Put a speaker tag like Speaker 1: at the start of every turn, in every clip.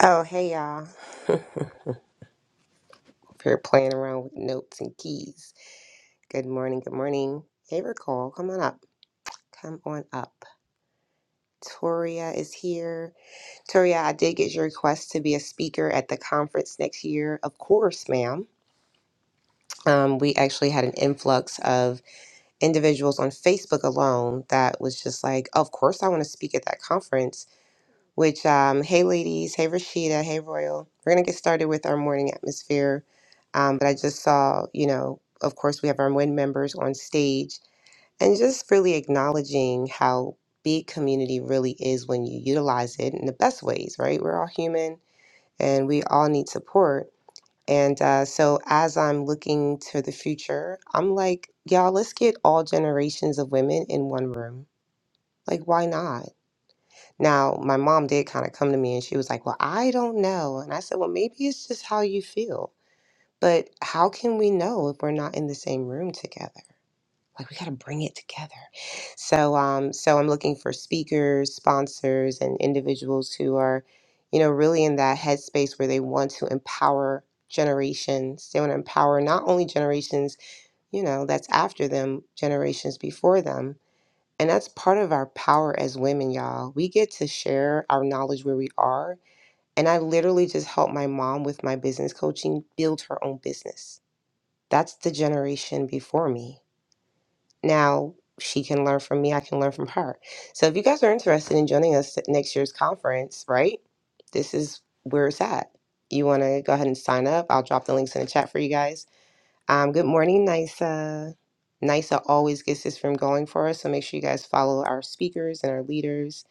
Speaker 1: Oh, hey y'all. If you're playing around with notes and keys. Good morning, good morning. Hey, Recall, come on up. Come on up. Toria is here. Toria, I did get your request to be a speaker at the conference next year. Of course, ma'am. Um, we actually had an influx of individuals on Facebook alone that was just like, of course, I want to speak at that conference which, um, hey, ladies, hey, Rashida, hey, Royal. We're going to get started with our morning atmosphere. Um, but I just saw, you know, of course, we have our WIN members on stage and just really acknowledging how big community really is when you utilize it in the best ways, right? We're all human and we all need support. And uh, so as I'm looking to the future, I'm like, y'all, let's get all generations of women in one room. Like, why not? Now, my mom did kind of come to me and she was like, Well, I don't know. And I said, Well, maybe it's just how you feel. But how can we know if we're not in the same room together? Like we gotta bring it together. So um, so I'm looking for speakers, sponsors, and individuals who are, you know, really in that headspace where they want to empower generations. They want to empower not only generations, you know, that's after them, generations before them and that's part of our power as women, y'all. We get to share our knowledge where we are. And I literally just helped my mom with my business coaching build her own business. That's the generation before me. Now she can learn from me, I can learn from her. So if you guys are interested in joining us at next year's conference, right? This is where it's at. You want to go ahead and sign up. I'll drop the links in the chat for you guys um, good morning, NISA. NISA always gets this from going for us, so make sure you guys follow our speakers and our leaders.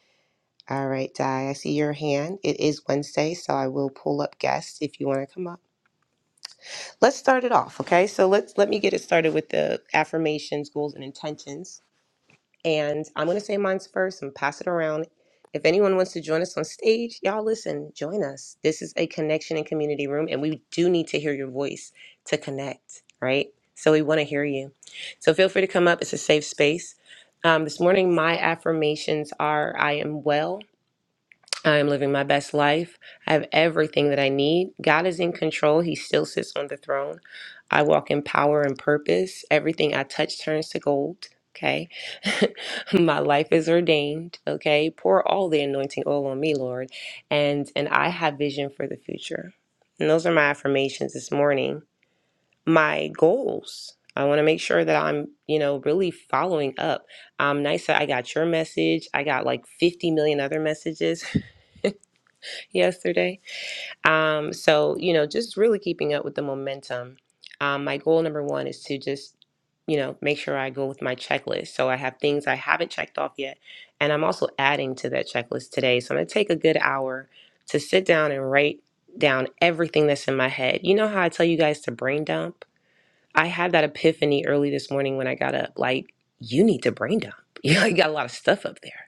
Speaker 1: All right, Di, I see your hand. It is Wednesday, so I will pull up guests if you want to come up. Let's start it off, okay? So let's let me get it started with the affirmations, goals, and intentions. And I'm going to say mine's first and pass it around. If anyone wants to join us on stage, y'all listen, join us. This is a connection and community room, and we do need to hear your voice to connect, right? So we want to hear you. So feel free to come up. It's a safe space. Um, this morning, my affirmations are I am well. I am living my best life. I have everything that I need. God is in control. He still sits on the throne. I walk in power and purpose. Everything I touch turns to gold. Okay. my life is ordained. Okay. Pour all the anointing oil on me, Lord. And and I have vision for the future. And those are my affirmations this morning. My goals. I want to make sure that I'm, you know, really following up. Um, nice. I got your message. I got like 50 million other messages. yesterday. Um, so, you know, just really keeping up with the momentum. Um, my goal number one is to just, you know, make sure I go with my checklist. So I have things I haven't checked off yet. And I'm also adding to that checklist today. So I'm going to take a good hour to sit down and write down everything that's in my head. You know how I tell you guys to brain dump? I had that epiphany early this morning when I got up. Like, you need to brain dump. You, know, you got a lot of stuff up there.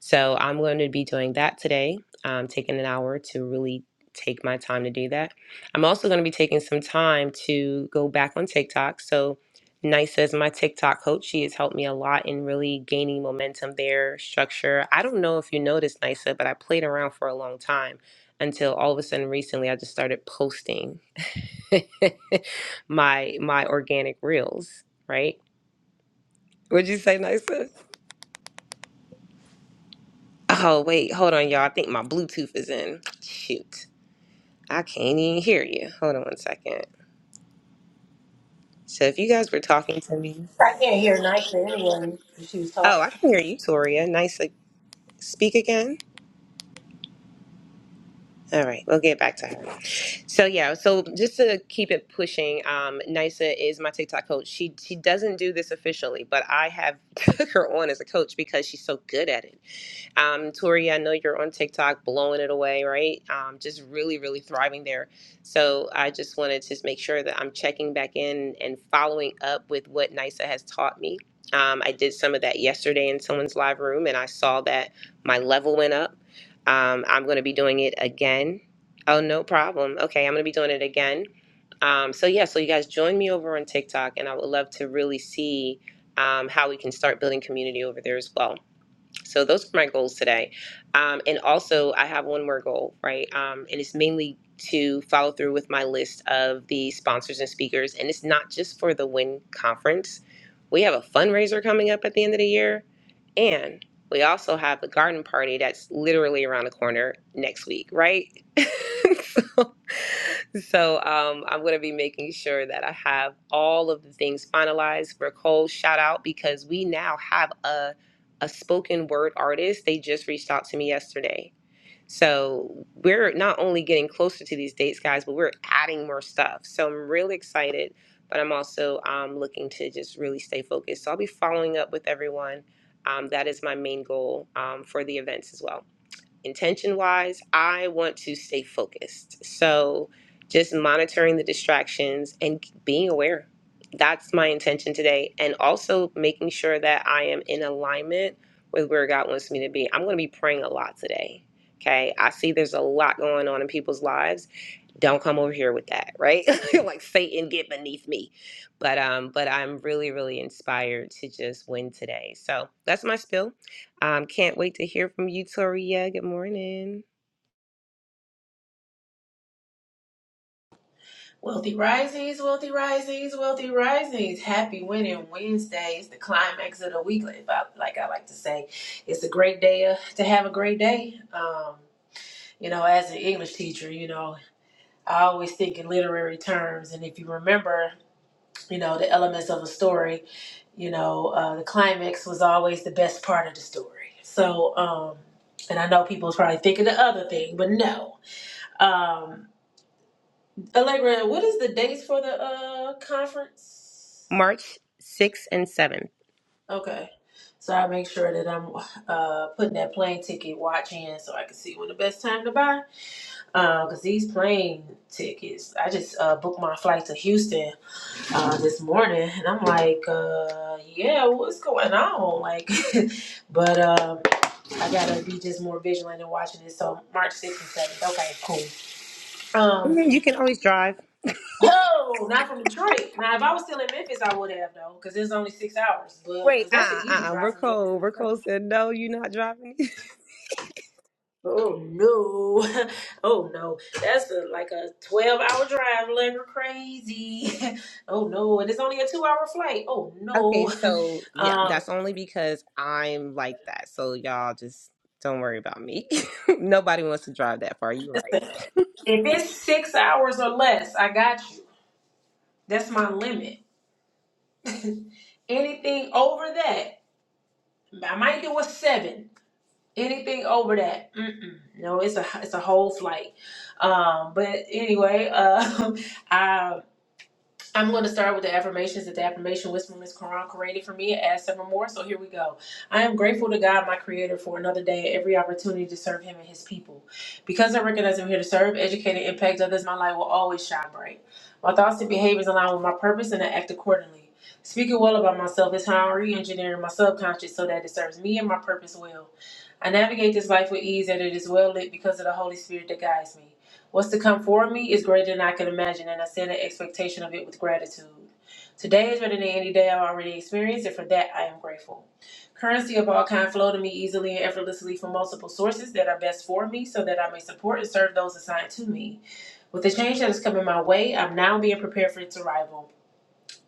Speaker 1: So I'm going to be doing that today, um, taking an hour to really take my time to do that. I'm also going to be taking some time to go back on TikTok. So Nisa is my TikTok coach. She has helped me a lot in really gaining momentum there, structure. I don't know if you noticed, Nisa, but I played around for a long time until all of a sudden recently I just started posting my my organic reels, right? Would you say Nisa? Oh, wait, hold on, y'all. I think my Bluetooth is in. Shoot. I can't even hear you. Hold on one second. So, if you guys were talking to me,
Speaker 2: I can't hear nicely anyway. because She was
Speaker 1: oh,
Speaker 2: talking.
Speaker 1: I can hear you, Toria. Nice. Like, speak again. All right, we'll get back to her. So yeah, so just to keep it pushing, um, Nisa is my TikTok coach. She she doesn't do this officially, but I have took her on as a coach because she's so good at it. Um, Tori, I know you're on TikTok blowing it away, right? Um, just really, really thriving there. So I just wanted to just make sure that I'm checking back in and following up with what NISA has taught me. Um, I did some of that yesterday in someone's live room, and I saw that my level went up. Um, I'm going to be doing it again. Oh, no problem. Okay, I'm going to be doing it again. Um, so yeah, so you guys join me over on TikTok, and I would love to really see um, how we can start building community over there as well. So those are my goals today. Um, and also, I have one more goal, right? Um, and it's mainly to follow through with my list of the sponsors and speakers. And it's not just for the WIN conference. We have a fundraiser coming up at the end of the year. And we also have the garden party that's literally around the corner next week, right? so so um, I'm going to be making sure that I have all of the things finalized. For Cole, shout out because we now have a a spoken word artist. They just reached out to me yesterday. So we're not only getting closer to these dates, guys, but we're adding more stuff. So I'm really excited, but I'm also um, looking to just really stay focused. So I'll be following up with everyone. Um, that is my main goal um, for the events as well intention wise, I want to stay focused. So just monitoring the distractions and being aware. That's my intention today. And also making sure that I am in alignment with where God wants me to be. I'm going to be praying a lot today. Okay. I see there's a lot going on in people's lives don't come over here with that right like satan get beneath me but um but i'm really really inspired to just win today so that's my spill um can't wait to hear from you toria good morning
Speaker 2: Wealthy risings, wealthy risings, wealthy risings. Happy winning Wednesday. It's the climax of the week, like like I like to say. It's a great day uh, to have a great day. Um, you know, as an English teacher, you know, I always think in literary terms. And if you remember, you know, the elements of a story, you know, uh, the climax was always the best part of the story. So, um, and I know people's probably thinking the other thing, but no. Um, Allegra, what is the dates for the uh conference?
Speaker 1: march 6th and 7th
Speaker 2: Okay. So I make sure that I'm uh putting that plane ticket watch in so I can see when the best time to buy. Uh, cause these plane tickets, I just uh booked my flight to Houston uh this morning and I'm like, uh yeah, what's going on? Like but um I gotta be just more vigilant and watching this. So March sixth and seventh. Okay, cool. Um
Speaker 1: Mhm, you can always drive
Speaker 2: Oh, not from Detroit. Now, if I was still in Memphis, I would have though, because it's only six hours. But
Speaker 1: wait
Speaker 2: because that's an
Speaker 1: uh
Speaker 2: easy
Speaker 1: uh, uh
Speaker 2: drive
Speaker 1: we're
Speaker 2: from Memphis.
Speaker 1: cold we're cold said no you're not driving
Speaker 2: Oh no, oh no, that's a, like a twelve-hour drive, like we're crazy. oh no, and it's only a two-hour flight. Oh
Speaker 1: okay
Speaker 2: no,
Speaker 1: so yeah
Speaker 2: um,
Speaker 1: that's only because i'm like that so y'all just don't worry about me nobody wants to drive that far you're right
Speaker 2: if it's six hours or less, I got you. That's my limit. Anything over that, I might do a seven. anything over that mm-mm. no it's a it's a whole flight um but anyway uh, I I'm going to start with the affirmations that the affirmation was Miss Karan created for me and add several more. So here we go. I am grateful to God, my creator, for another day and every opportunity to serve him and his people. Because I recognize I'm here to serve, educate, and impact others, my light will always shine bright. My thoughts and behaviors align with my purpose and I act accordingly. Speaking well about myself is how I'm re engineering my subconscious so that it serves me and my purpose well. I navigate this life with ease and it is well lit because of the Holy Spirit that guides me. What's to come for me is greater than I can imagine, and I set an expectation of it with gratitude. Today is better than any day I've already experienced, and for that I am grateful. Currency of all kind flow to me easily and effortlessly from multiple sources that are best for me, so that I may support and serve those assigned to me. With the change that is coming my way, I'm now being prepared for its arrival.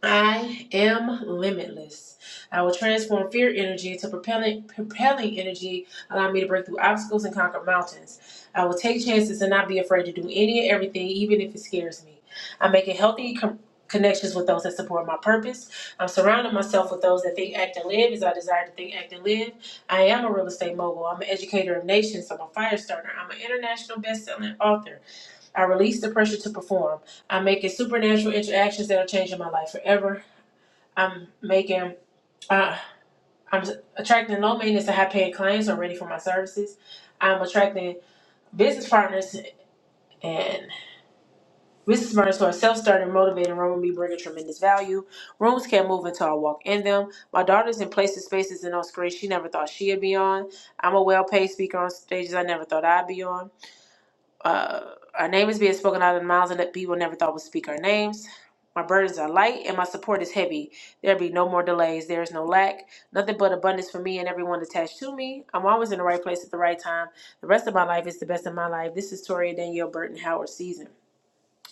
Speaker 2: I am limitless. I will transform fear energy into propelling, propelling energy, allowing me to break through obstacles and conquer mountains. I will take chances and not be afraid to do any and everything, even if it scares me. I'm making healthy com- connections with those that support my purpose. I'm surrounding myself with those that think, act, and live as I desire to think, act, and live. I am a real estate mogul. I'm an educator of nations. I'm a fire starter. I'm an international best-selling author. I release the pressure to perform. I'm making supernatural interactions that are changing my life forever I'm making, uh, I'm attracting low maintenance and high paid clients who are ready for my services. I'm attracting business partners and business partners who are self starting, motivated, and room me bringing tremendous value. Rooms can't move until I walk in them. My daughter's in places, spaces, and on screens she never thought she'd be on. I'm a well paid speaker on stages I never thought I'd be on. Uh, our name is being spoken out of the mouths of that people never thought would speak our names. My burdens are light and my support is heavy. There be no more delays. There is no lack. Nothing but abundance for me and everyone attached to me. I'm always in the right place at the right time. The rest of my life is the best of my life. This is Toria Danielle Burton Howard season.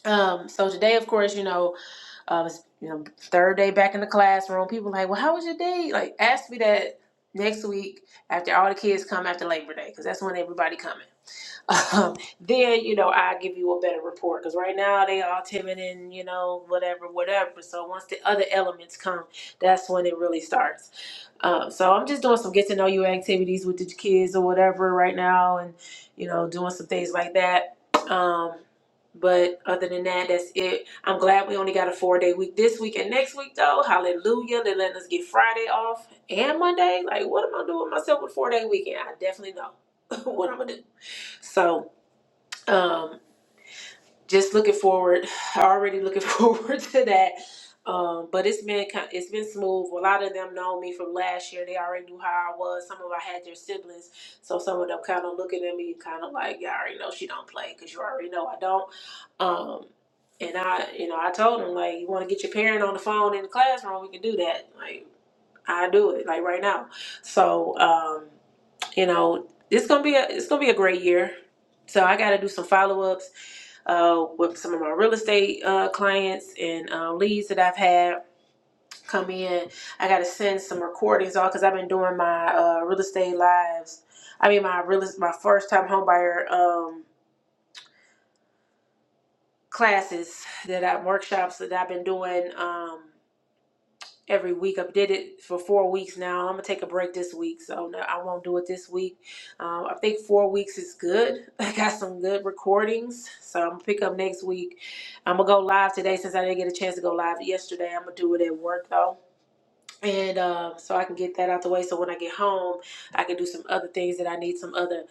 Speaker 2: Um, so today, of course, you know, um, it's, you know, third day back in the classroom. People like, well, how was your day? Like, ask me that next week after all the kids come after Labor Day, because that's when everybody coming um, then you know I give you a better report because right now they all timid and you know whatever whatever. So once the other elements come, that's when it really starts. Um, so I'm just doing some get to know you activities with the kids or whatever right now, and you know doing some things like that. Um, but other than that, that's it. I'm glad we only got a four day week this week and next week though. Hallelujah! They're letting us get Friday off and Monday. Like what am I doing myself with four day weekend? I definitely know what I'm gonna do. So um just looking forward already looking forward to that um but it's been kind it's been smooth a lot of them know me from last year they already knew how i was some of i had their siblings so some of them kind of looking at me kind of like you all already know she don't play because you already know i don't um and i you know i told them like you want to get your parent on the phone in the classroom we can do that like i do it like right now so um you know, it's gonna be a it's gonna be a great year. So I got to do some follow ups uh, with some of my real estate uh, clients and uh, leads that I've had come in. I got to send some recordings off because I've been doing my uh, real estate lives. I mean, my real my first time homebuyer um, classes that I workshops that I've been doing. Um, every week. I did it for four weeks now. I'm gonna take a break this week, so no, I won't do it this week. Um, I think four weeks is good. I got some good recordings, so I'm gonna pick up next week. I'm gonna go live today since I didn't get a chance to go live yesterday. I'm gonna do it at work though and uh, so I can get that out the way. So when I get home, I can do some other things that I need, some other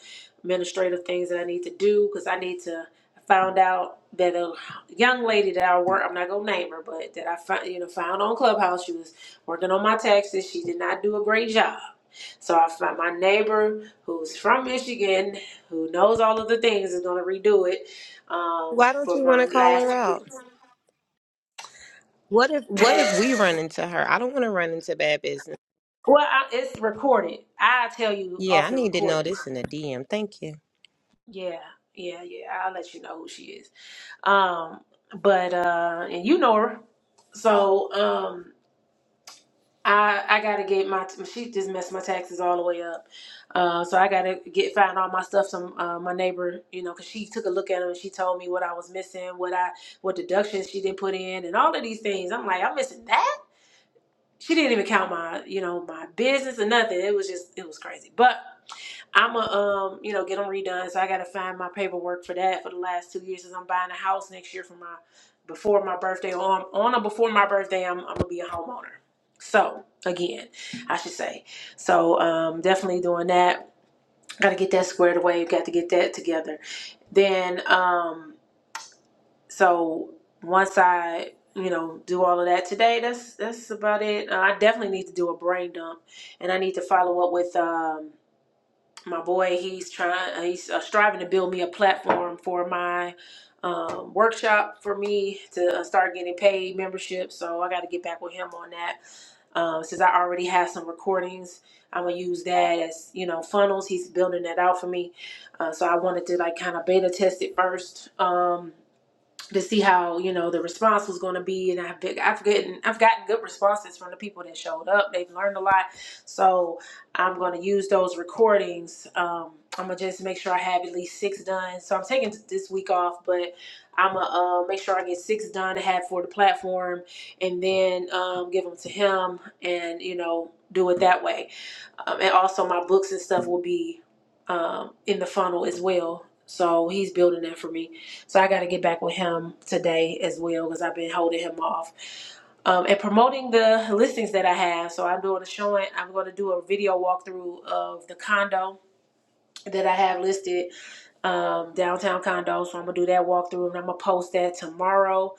Speaker 2: administrative things that I need to do because I need to. I found out that a young lady that I work, I'm not gonna name her, but that I found, you know, found on Clubhouse, she was working on my taxes. She did not do a great job. So I found my neighbor who's from Michigan, who knows all of the things, is gonna redo it um,
Speaker 1: why don't
Speaker 2: for
Speaker 1: you want to
Speaker 2: my
Speaker 1: call
Speaker 2: last.
Speaker 1: her out What if what if we run into her? I don't want to run into bad business.
Speaker 2: Well, I, it's recorded. I tell you
Speaker 1: Yeah,
Speaker 2: off
Speaker 1: I
Speaker 2: the
Speaker 1: need to know
Speaker 2: recording.
Speaker 1: this in a DM. Thank you.
Speaker 2: Yeah, yeah, yeah. I'll let you know who she is. Um, but uh, and you know her, so um, I I gotta get my she just messed my taxes all the way up. Uh, so I gotta get find all my stuff from uh, my neighbor, you know, because she took a look at them and she told me what I was missing, what I what deductions she didn't put in, and all of these things. I'm like, I'm missing that. She didn't even count my you know my business or nothing. It was just it was crazy, but. I'm going to um, you know, get them redone. So I got to find my paperwork for that for the last two years. Since I'm buying a house next year for my before my birthday, or on, on or before my birthday, I'm, I'm gonna be a homeowner. So again, I should say. So um, definitely doing that. Got to get that squared away. Got to get that together. Then um, so once I you know do all of that today, that's that's about it. Uh, I definitely need to do a brain dump, and I need to follow up with. Um, my boy he's trying uh, he's uh, striving to build me a platform for my um, workshop for me to uh, start getting paid membership so i got to get back with him on that um, since i already have some recordings i'm gonna use that as you know funnels he's building that out for me uh, so i wanted to like kind of beta test it first um, to see how you know the response was going to be and i've been, i've gotten i've gotten good responses from the people that showed up they've learned a lot so i'm going to use those recordings um i'm gonna just make sure i have at least six done so i'm taking this week off but i'm gonna uh, make sure i get six done to have for the platform and then um, give them to him and you know do it that way um, and also my books and stuff will be um, in the funnel as well. So he's building that for me. So I got to get back with him today as well because I've been holding him off um, and promoting the listings that I have. So I'm doing a showing. I'm going to do a video walkthrough of the condo that I have listed, um, downtown condo. So I'm gonna do that walkthrough and I'm gonna post that tomorrow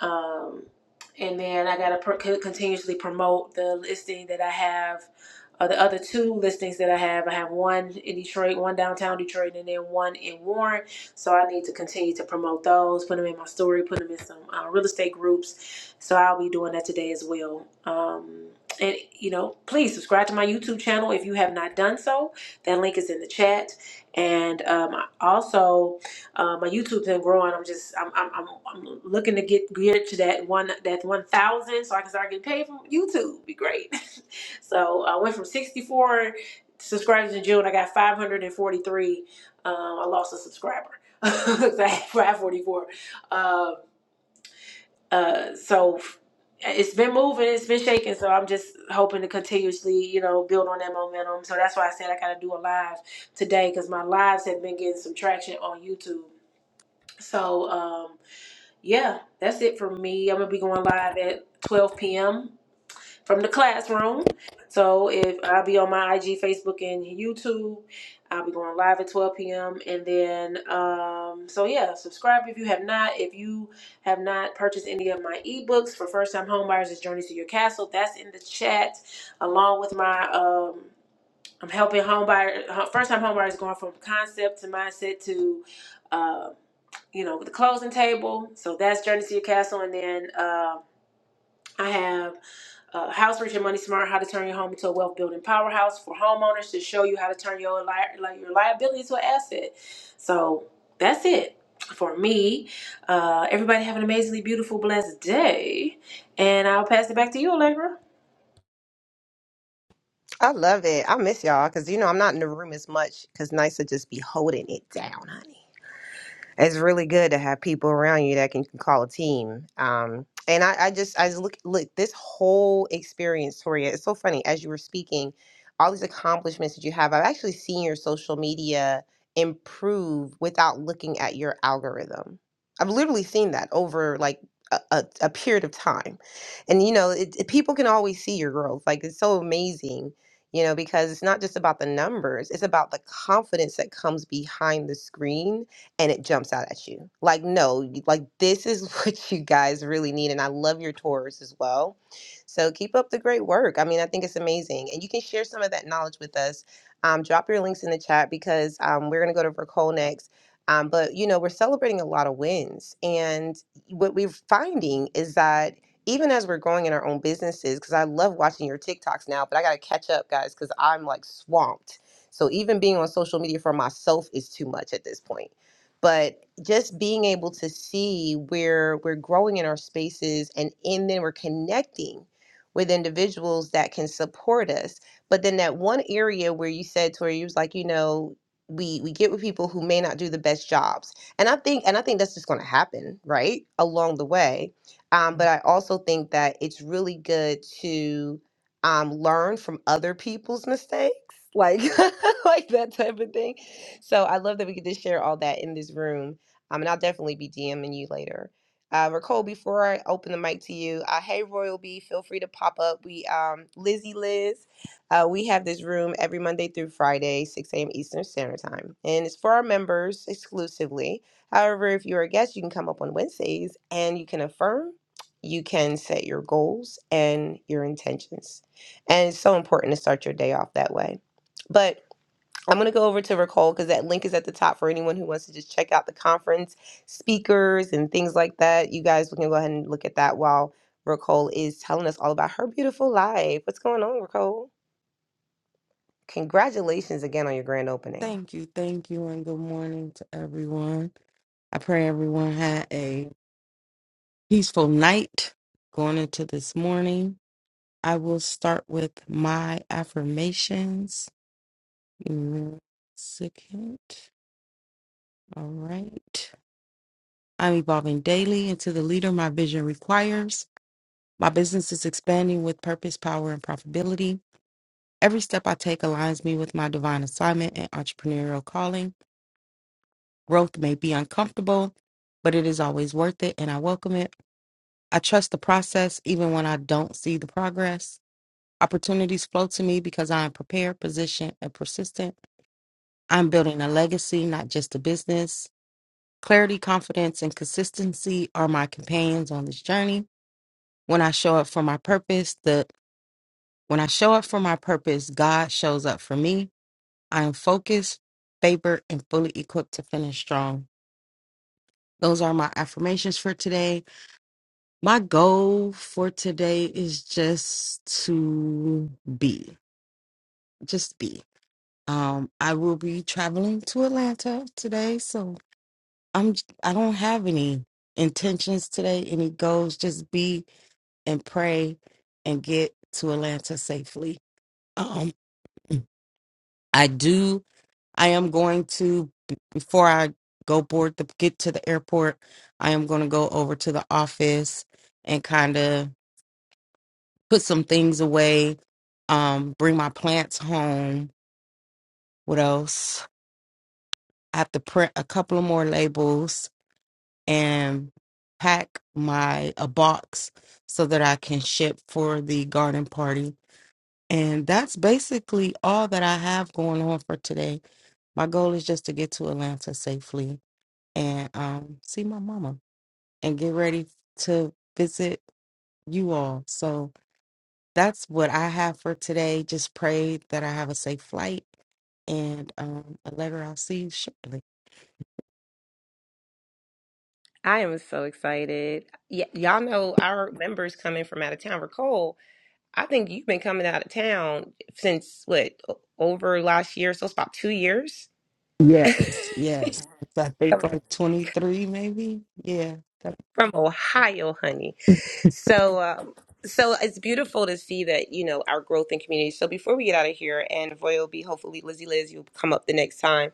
Speaker 2: um, and then I gotta pro- co- continuously promote the listing that I have, uh, the other two listings that I have. I have one in Detroit, one downtown Detroit, and then one in Warren. So I need to continue to promote those, put them in my story, put them in some uh, real estate groups. So I'll be doing that today as well. Um, and you know, please subscribe to my YouTube channel if you have not done so. That link is in the chat. And um, also uh, my YouTube's been growing. I'm just I'm I'm, I'm, I'm looking to get geared to that one that one thousand so I can start getting paid from YouTube. Be great. so I went from sixty four subscribers in June. I got five hundred and forty three. Um, I lost a subscriber. 'Cause I had five forty four. Uh, uh, so it's been moving, it's been shaking. So I'm just hoping to continuously, you know, build on that momentum. So that's why I said I gotta do a live today because my lives have been getting some traction on YouTube. So um, yeah, that's it for me. I'm gonna be going live at 12 p.m. from the classroom. So if I'll be on my IG, Facebook, and YouTube, I'll be going live at 12 p.m. And then um, so yeah, subscribe if you have not. If you have not purchased any of my ebooks for first-time homebuyers, it's Journey to Your Castle. That's in the chat, along with my um, I'm helping homebuyers, first-time homebuyers going from concept to mindset to. Um, you know, with the closing table. So that's Journey to Your Castle. And then uh, I have uh, House Rich and Money Smart, How to Turn Your Home into a Wealth Building Powerhouse for Homeowners to show you how to turn your, li- like your liability to an asset. So that's it for me. Uh, everybody have an amazingly beautiful, blessed day. And I'll pass it back to you, Allegra.
Speaker 1: I love it. I miss y'all because you know I'm not in the room as much because Nisa just be holding it down, honey. it's really good to have people around you that can call a team. Um, and I, I just, I just look, look, this whole experience, Toria, it's so funny. As you were speaking, all these accomplishments that you have, I've actually seen your social media improve without looking at your algorithm. I've literally seen that over like a, a, a period of time. And, you know, it, it- people can always see your growth. Like, it's so amazing. You know, because it's not just about the numbers, it's about the confidence that comes behind the screen and it jumps out at you. Like, no, you- like this is what you guys really need. And I love your tours as well. So keep up the great work. I mean, I think it's amazing. And you can share some of that knowledge with us. Um, drop your links in the chat because um, we're going to go to Vercol next. Um, but, you know, we're celebrating a lot of wins. And what we're finding is that even as we're growing in our own businesses, because I love watching your TikToks now, but I got to catch up, guys, because I'm like swamped. So even being on social media for myself is too much at this point but just being able to see where we're growing in our spaces and and then we're connecting with individuals that can support us but then that one area where you said to where you was like you know we we get with people who may not do the best jobs and i think and i think that's just going to happen right along the way um, but i also think that it's really good to um, learn from other people's mistakes like like that type of thing so I love that we could just share all that in this room. Um, and I'll definitely be DMing you later. Uh, Nicole, before I open the mic to you, uh, hey Royal B, feel free to pop up. We um, Lizzie Liz, uh, we have this room every Monday through Friday, 6 a.m. Eastern Standard Time, and it's for our members exclusively. However, if you're a guest, you can come up on Wednesdays and you can affirm, you can set your goals and your intentions, and it's so important to start your day off that way. But I'm going to go over to Recall because that link is at the top for anyone who wants to just check out the conference speakers and things like that. You guys can go ahead and look at that while Recall is telling us all about her beautiful life. What's going on, Recall? Congratulations again on your grand opening.
Speaker 3: Thank you, thank you, and good morning to everyone. I pray everyone had a peaceful night going into this morning. I will start with my affirmations. Give me one Second. All right. I'm evolving daily into the leader my vision requires. My business is expanding with purpose, power, and profitability. Every step I take aligns me with my divine assignment and entrepreneurial calling. Growth may be uncomfortable, but it is always worth it, and I welcome it. I trust the process even when I don't see the progress. Opportunities flow to me because I am prepared, positioned, and persistent. I'm building a legacy, not just a business. Clarity, confidence, and consistency are my companions on this journey. When I show up for my purpose, the when I show up for my purpose, God shows up for me. I am focused, favored, and fully equipped to finish strong. Those are my affirmations for today. My goal for today is just to be, just be. Um, I will be traveling to Atlanta today, so I'm j- I don't have any intentions today, any goals. Just be and pray and get to Atlanta safely. Um, I do. I am going to b- before I go board the get to the airport. I am going to go over to the office and kind of put some things away, um, bring my plants home. What else? I have to print a couple of more labels and pack my a box so that I can ship for the garden party. And that's basically all that I have going on for today. My goal is just to get to Atlanta safely and um, see my mama and get ready to visit you all. So that's what I have for today. Just pray that I have a safe flight and um Allegra, I'll see you shortly.
Speaker 1: I am so excited. Y- y'all know our members coming from out of town. Recall, I think you've been coming out of town since what o- over last year, so it's about two years.
Speaker 3: Yes, Yes. I think like 23 maybe. Yeah.
Speaker 1: from Ohio, honey. So, um, so it's beautiful to see that you know our growth in community. So before we get out of here, and Royal B, hopefully Lizzie Liz, you'll come up the next time.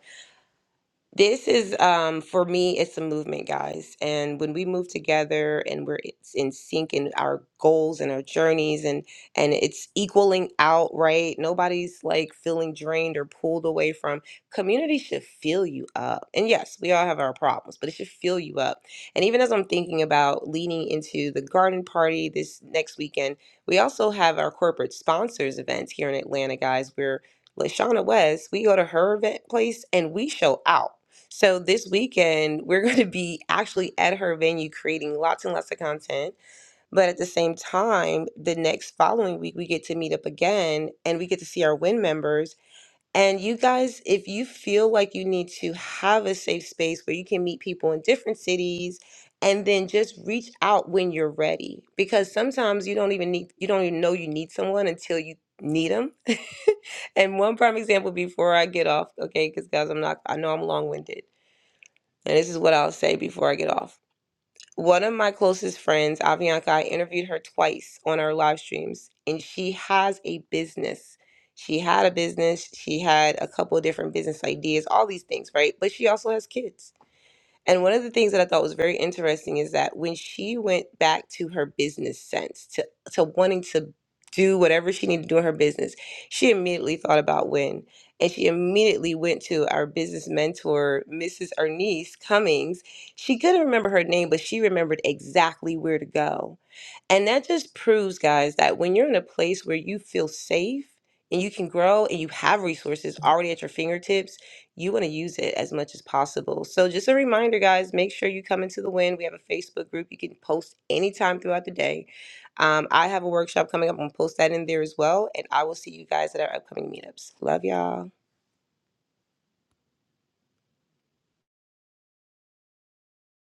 Speaker 1: This is um for me it's a movement guys and when we move together and we're it's in sync in our goals and our journeys and and it's equaling out right nobody's like feeling drained or pulled away from community should fill you up and yes we all have our problems but it should fill you up and even as I'm thinking about leaning into the garden party this next weekend we also have our corporate sponsors events here in Atlanta guys we're Lashana West, we go to her event place and we show out. So this weekend, we're going to be actually at her venue creating lots and lots of content. But at the same time, the next following week, we get to meet up again and we get to see our WIN members. And you guys, if you feel like you need to have a safe space where you can meet people in different cities and then just reach out when you're ready because sometimes you don't even need you don't even know you need someone until you need them and one prime example before i get off okay because guys i'm not i know i'm long-winded and this is what I'll say before I get off. One of my closest friends, Avianca, I interviewed her twice on our live streams, and she has a business. She had a business, she had a couple of different business ideas, all these things, right? But she also has kids. And one of the things that I thought was very interesting is that when she went back to her business sense, to, to wanting to do whatever she needed to do in her business, she immediately thought about when. And she immediately went to our business mentor, Mrs. Ernise Cummings. She couldn't remember her name, but she remembered exactly where to go. And that just proves, guys, that when you're in a place where you feel safe and you can grow and you have resources already at your fingertips you want to use it as much as possible. So, just a reminder, guys, make sure you come into the win. We have a Facebook group. You can post anytime throughout the day. Um, I have a workshop coming up. I'm going to post that in there as well. And I will see you guys at our upcoming meetups. Love y'all.